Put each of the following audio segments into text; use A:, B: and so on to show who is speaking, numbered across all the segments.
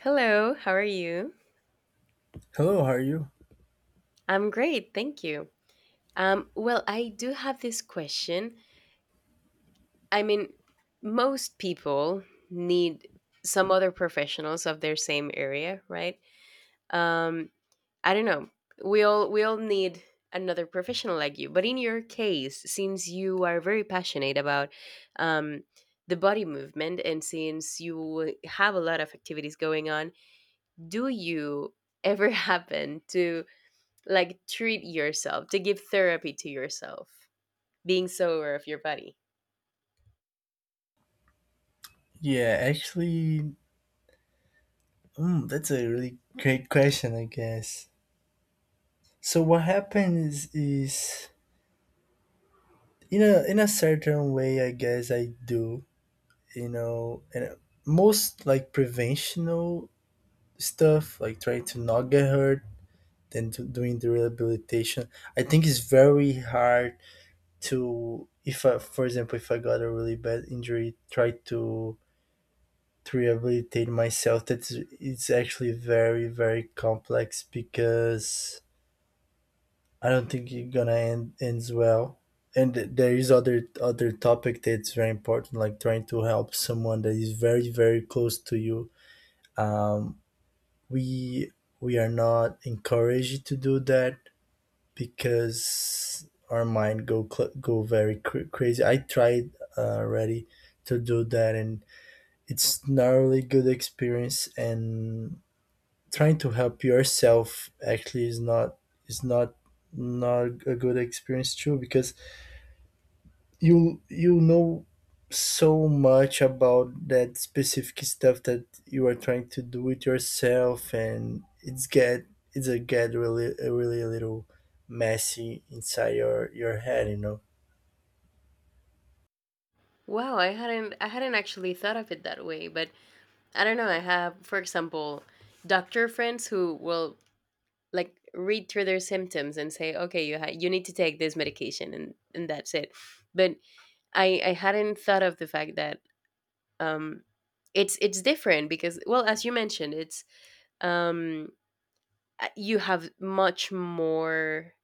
A: Hello, how are you?
B: Hello, how are you?
A: I'm great, thank you. Well, I do have this question. I mean, most people need some other professionals of their same area, right? Um, I don't know. We all need another professional like you. But in your case, since you are very passionate about um, the body movement, and since you have a lot of activities going on, do you ever happen to, like, treat yourself to give therapy to yourself, being so aware of your body?
B: Yeah, actually, that's a really great question, I guess. So what happens is, in a certain way, I guess I do, you know, and most like preventional stuff, like trying to not get hurt, then to doing the rehabilitation. I think it's very hard to, if I, for example, if I got a really bad injury, try to rehabilitate myself that's it's actually very complex because I don't think it's gonna ends well. And there is other topic that's very important, like trying to help someone that is very very close to you. um we we are not encouraged to do that because our mind go very crazy. I tried, already, to do that, and it's not really good experience. And trying to help yourself actually is not not a good experience too, because you know so much about that specific stuff that you are trying to do it yourself, and it's a get really a little messy inside your head, you know?
A: Wow, I hadn't actually thought of it that way, but I don't know, I have, for example, doctor friends who will, like, read through their symptoms and say, "Okay, you need to take this medication, and that's it." But I hadn't thought of the fact that um it's different because, well, as you mentioned, it's um you have much more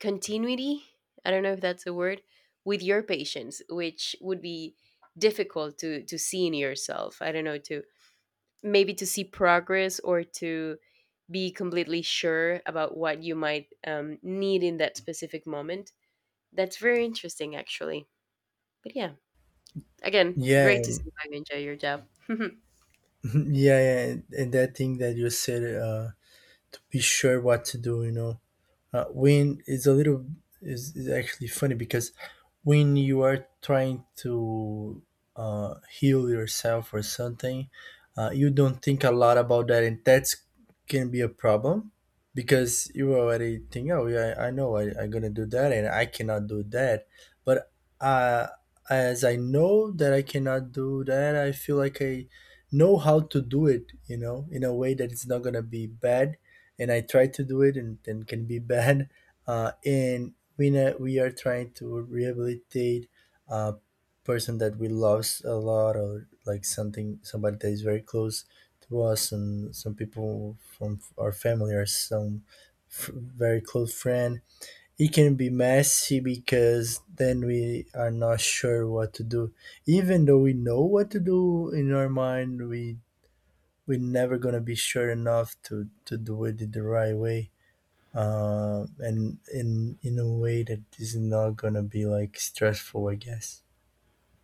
A: continuity, I don't know if that's a word, with your patients, which would be difficult to see in yourself. I don't know, to maybe to see progress, or to be completely sure about what you might need in that specific moment. That's very interesting, actually. But yeah, again,
B: Yeah,
A: great to
B: and
A: see you enjoy your job.
B: yeah, and that thing that you said, to be sure what to do, you know, when it's a little is actually funny, because when you are trying to, heal yourself or something, you don't think a lot about that, and that's can be a problem. Because you already think, oh yeah, I know, I'm gonna do that, and I cannot do that. But, uh, as I know that I cannot do that, I feel like I know how to do it, you know, in a way that it's not gonna be bad. And I try to do it, and then can be bad. And we know we are trying to rehabilitate a person that we lost a lot, or like something, somebody that is very close to us, and some people from our family, or some very close friend. It can be messy, because then we are not sure what to do, even though we know what to do in our mind. We're never gonna be sure enough to do it the right way, and in a way that is not gonna be like stressful, I guess.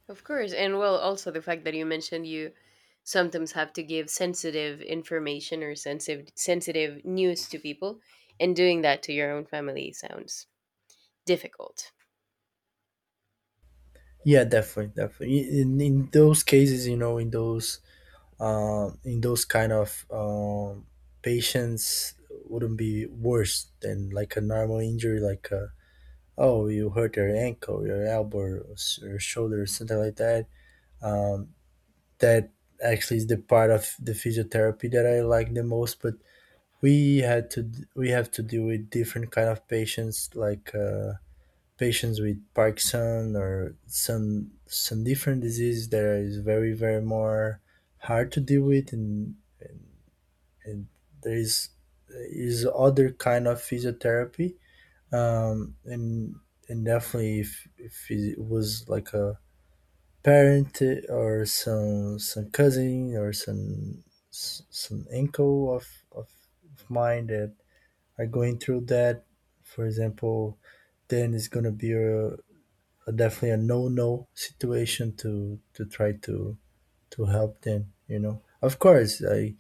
A: Of course. And well, also the fact that you mentioned you sometimes have to give sensitive information, or sensitive news to people, and doing that to your own family sounds difficult.
B: Yeah, definitely, definitely. In those cases, you know, in those, in those kind of, patients, wouldn't be worse than like a normal injury, like, oh, you hurt your ankle, your elbow, or shoulder, or something like that. Um, that actually is the part of the physiotherapy that I like the most, but we had to we have to deal with different kind of patients, like, patients with Parkinson, or some different disease that is very very more hard to deal with. And and, and there is other kind of physiotherapy. um, and and definitely, if it was like a parent, or some cousin, or some some uncle of of mine that are going through that, for example, then it's gonna be a definitely a no no situation to try to help them. You know, of course,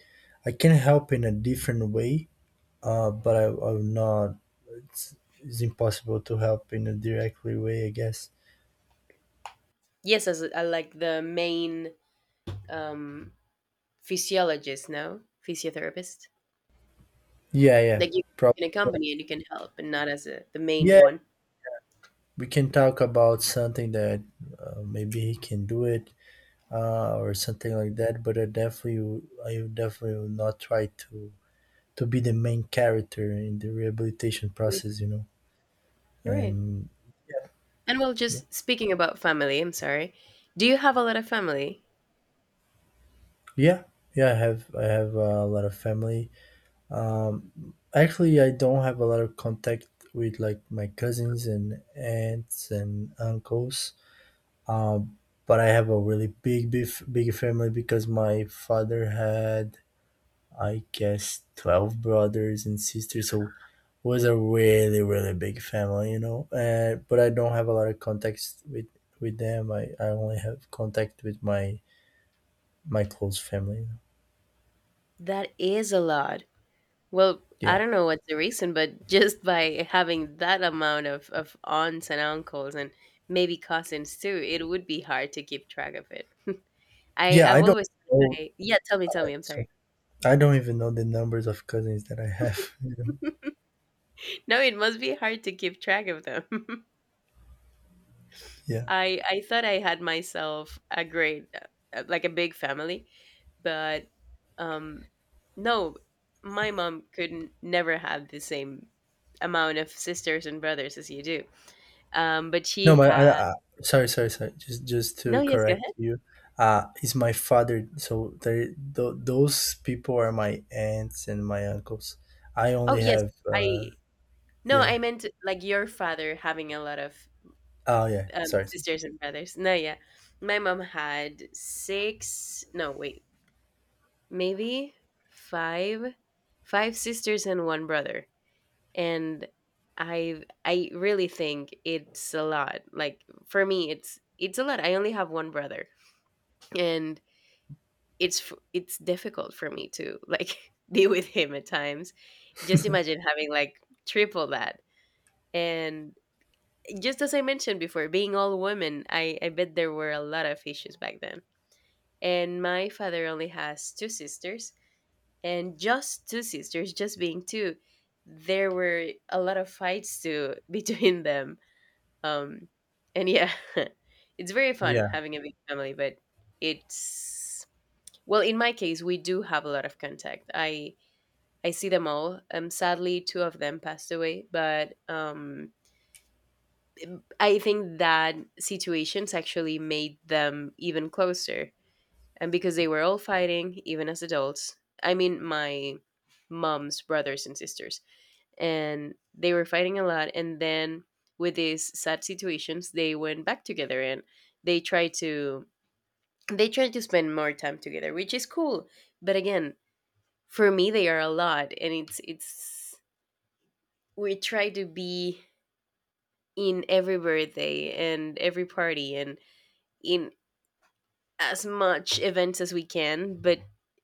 B: I can help in a different way, I'm not. It's, it's impossible to help in a directly way, I guess.
A: Yes, as a, like, the main um physiologist, no? Physiotherapist.
B: Yeah, yeah,
A: Like you
B: prob-
A: can accompany and you can help, but not as a, the main
B: yeah.
A: one.
B: We can talk about something that, maybe he can do it, or something like that. But I definitely will not try to be the main character in the rehabilitation
A: Yeah.
B: process, you know.
A: You're right.
B: And
A: And well,
B: yeah,
A: just speaking about family, I'm sorry. Do you have a lot of family?
B: yeah, yeah. I have a lot of family. Actually, I don't have a lot of contact with like my cousins and aunts and uncles. Um, but I have a really big, big, big family, because my father had, I guess, 12 brothers and sisters. So, was a really really big family, you know? But I don't have a lot of contacts with them. I only have contact with my close family, you know?
A: That is a lot. Well, I
B: Yeah,
A: don't know what's the reason, but just by having that amount of aunts and uncles and maybe cousins too, it would be hard to keep track of it. I,
B: yeah.
A: I've always,
B: Know
A: I, yeah, tell
B: I-
A: me, I'm
B: so
A: sorry.
B: I don't even know the numbers of cousins that I have. You know?
A: No, it must be hard to keep track of them.
B: Yeah.
A: I thought I had myself a great, like, a big family, but um, no, my mom couldn't never have the same amount of sisters and brothers as you do. But she
B: No, but
A: had—
B: I, sorry, just to
A: no, yes, go ahead.
B: correct you. It's my father, so there, those people are my aunts and my uncles. I
A: Oh,
B: only
A: yes.
B: have
A: I no,
B: Yeah,
A: I
B: yeah.
A: meant like your father having a lot of
B: Oh yeah, sorry.
A: sisters and brothers. No, yeah. My mom had six, no, wait, maybe five, five, sisters and one brother. And I really think it's a lot. Like, for me, it's a lot. I only have one brother, and it's difficult for me to, like, be with him at times. Just imagine having like triple that, and just as I mentioned before, being all women, I bet there were a lot of issues back then. And my father only has two sisters, and just two sisters, just being two, there were a lot of fights too between them. Um, and yeah, it's very fun
B: Yeah.
A: having a big family, but it's well, in my case, we do have a lot of contact. I see them all. Sadly, two of them passed away, but I think that situations actually made them even closer. And because they were all fighting, even as adults, I mean, my mom's brothers and sisters, and they were fighting a lot. And then with these sad situations, they went back together and they tried to they tried to spend more time together, which is cool. But again, for me, they are a lot, and it's we try to be in every birthday and every party and in as much events as we can, but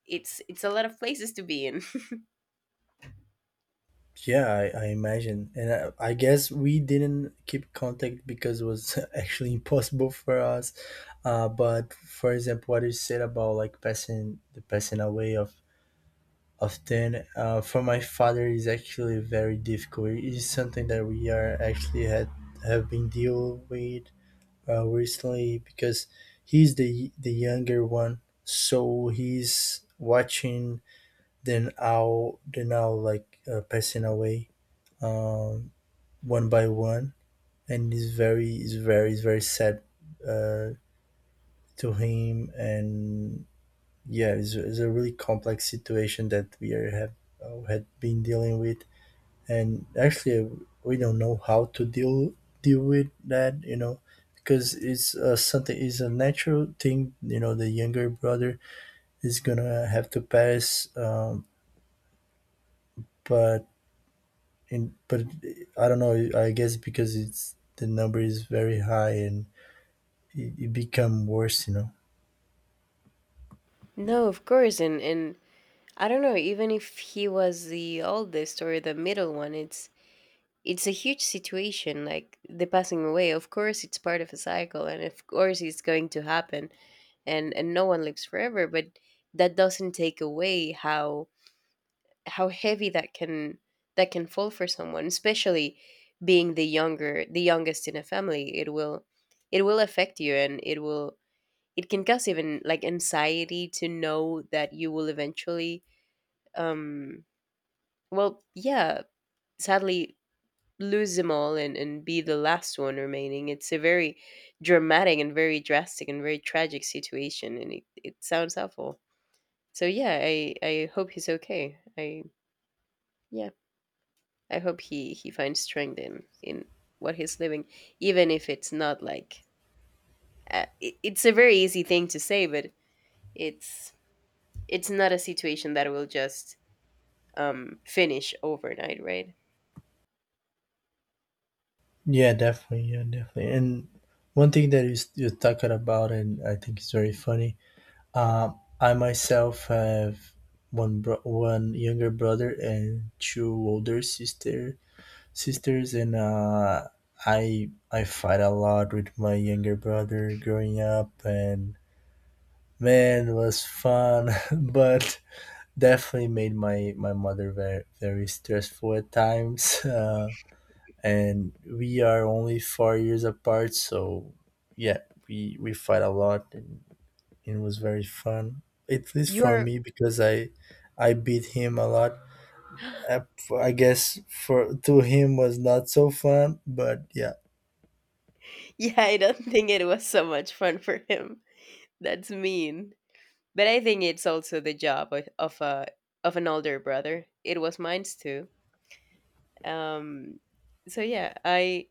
A: it's a lot of places to be in.
B: Yeah, I imagine. And I guess we didn't keep contact because it was actually impossible for us. But for example, what you said about like passing away of ten, for my father is actually very difficult. It is something that we are actually had have been deal with, recently, because he's the younger one, so he's watching then are now they're now like, passing away, um, one by one. And it's very sad, uh, to him. And yeah, it's a really complex situation that we are have had been dealing with. And actually we don't know how to deal with that, you know, because it's something is a natural thing, you know, the younger brother is gonna have to pass, but and but I don't know. I guess because it's the number is very high, and it become worse, you know.
A: No, of course, and I don't know. Even if he was the oldest or the middle one, it's a huge situation. Like, the passing away, of course, it's part of a cycle, and of course, it's going to happen. And no one lives forever, but that doesn't take away how heavy that can fall for someone, especially being the youngest in a family. It will affect you, and it can cause even, like, anxiety to know that you will eventually um well, yeah, sadly, lose them all, and be the last one remaining. It's a very dramatic and very drastic and very tragic situation, and it sounds awful. So yeah, I hope he's okay. I yeah, I hope he finds strength in what he's living, even if it's not like it's a very easy thing to say, but it's it's not a situation that will just finish overnight, right?
B: Yeah, definitely. Yeah, definitely. And one thing that you're talking about, and I think it's very funny. I myself have one younger brother and two older sisters, and, I fight a lot with my younger brother growing up, and man, it was fun, but definitely made my mother very very stressful at times. And we are only 4 years apart, so yeah, we fight a lot, and it was very fun, at least
A: You
B: for
A: are
B: me, because I beat him a lot. i, I guess for to him was not so fun, but yeah.
A: Yeah, I don't think it was so much fun for him. That's mean, but I think it's also the job of a of an older brother. It was mine too. Um, so yeah, I.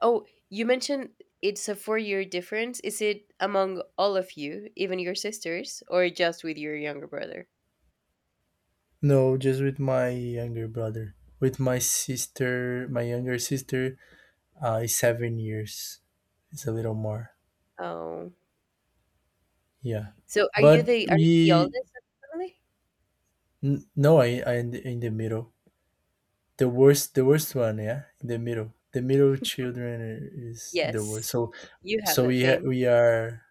A: Oh, you mentioned it's a four-year difference. Is it among all of you, even your sisters, or just with your younger brother?
B: No, just with my younger brother. With my sister, my younger sister, is 7 years, it's a little more.
A: Oh,
B: Yeah,
A: so are you
B: but
A: the
B: we
A: oldest of the family?
B: no, I in the middle. The worst one, yeah, in the middle. The middle children is the
A: Yes,
B: worst.
A: you have that fame.
B: We are,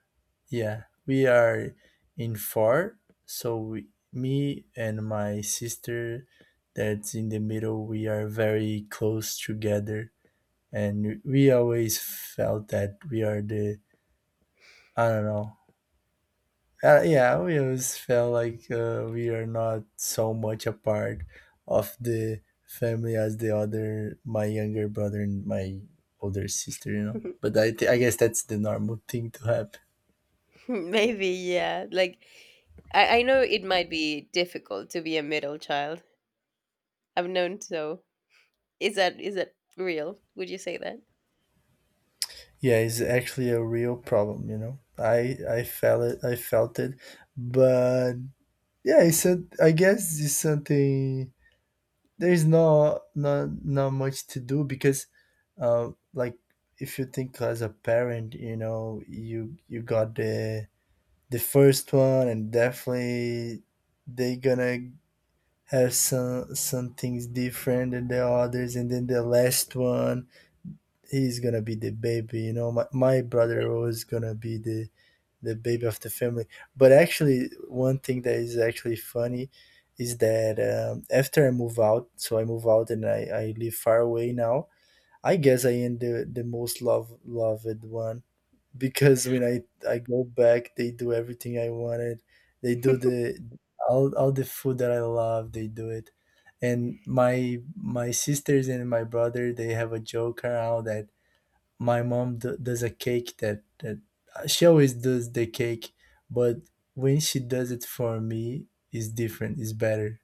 B: yeah we are in four. So we, me and my sister, that's in the middle, we are very close together, and we always felt that we are the, I don't know. Yeah, we always felt like, we are not so much a part of the family as the other, my younger brother and my older sister, you know. But I guess that's the normal thing to happen.
A: Maybe, yeah. Like, I know it might be difficult to be a middle child. I've known so. Is that real? Would you say that?
B: Yeah, it's actually a real problem, you know. I felt it, I felt it. But yeah, I guess it's something, there's no, not much to do because, like, if you think as a parent, you know, you got the first one, and definitely they gonna have some things different than the others, and then the last one he's gonna be the baby, you know. My
A: Yeah.
B: brother was gonna be the baby of the family. But actually, one thing that is actually funny is that, after I move out, so I move out and I live far away now. I guess I am the most loved one, because when I go back, they do everything I wanted. They do the, all the food that I love. They do it, and my sisters and my brother, they have a joke around that my mom does a cake that she always does the cake, but when she does it for me, it's different, it's better,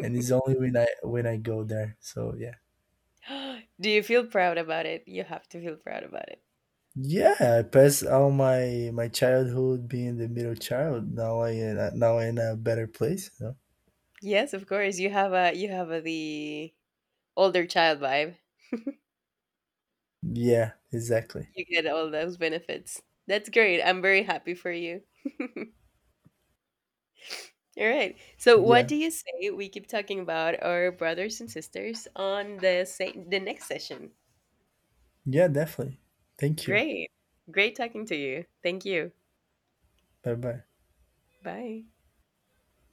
B: and it's only when I go there. So yeah,
A: Do you feel proud about it? You have to feel proud about it.
B: yeah. I passed all my childhood being the middle child. Now now I in a better place, you know?
A: Yes, of course. You have the older child vibe.
B: Yeah, exactly.
A: You get all those benefits. That's great. I'm very happy for you. All right. So, what
B: Yeah,
A: do you say we keep talking about our brothers and sisters on the the next session?
B: yeah, definitely. Thank you.
A: Great. Great talking to you. Thank you.
B: Bye bye.
A: Bye.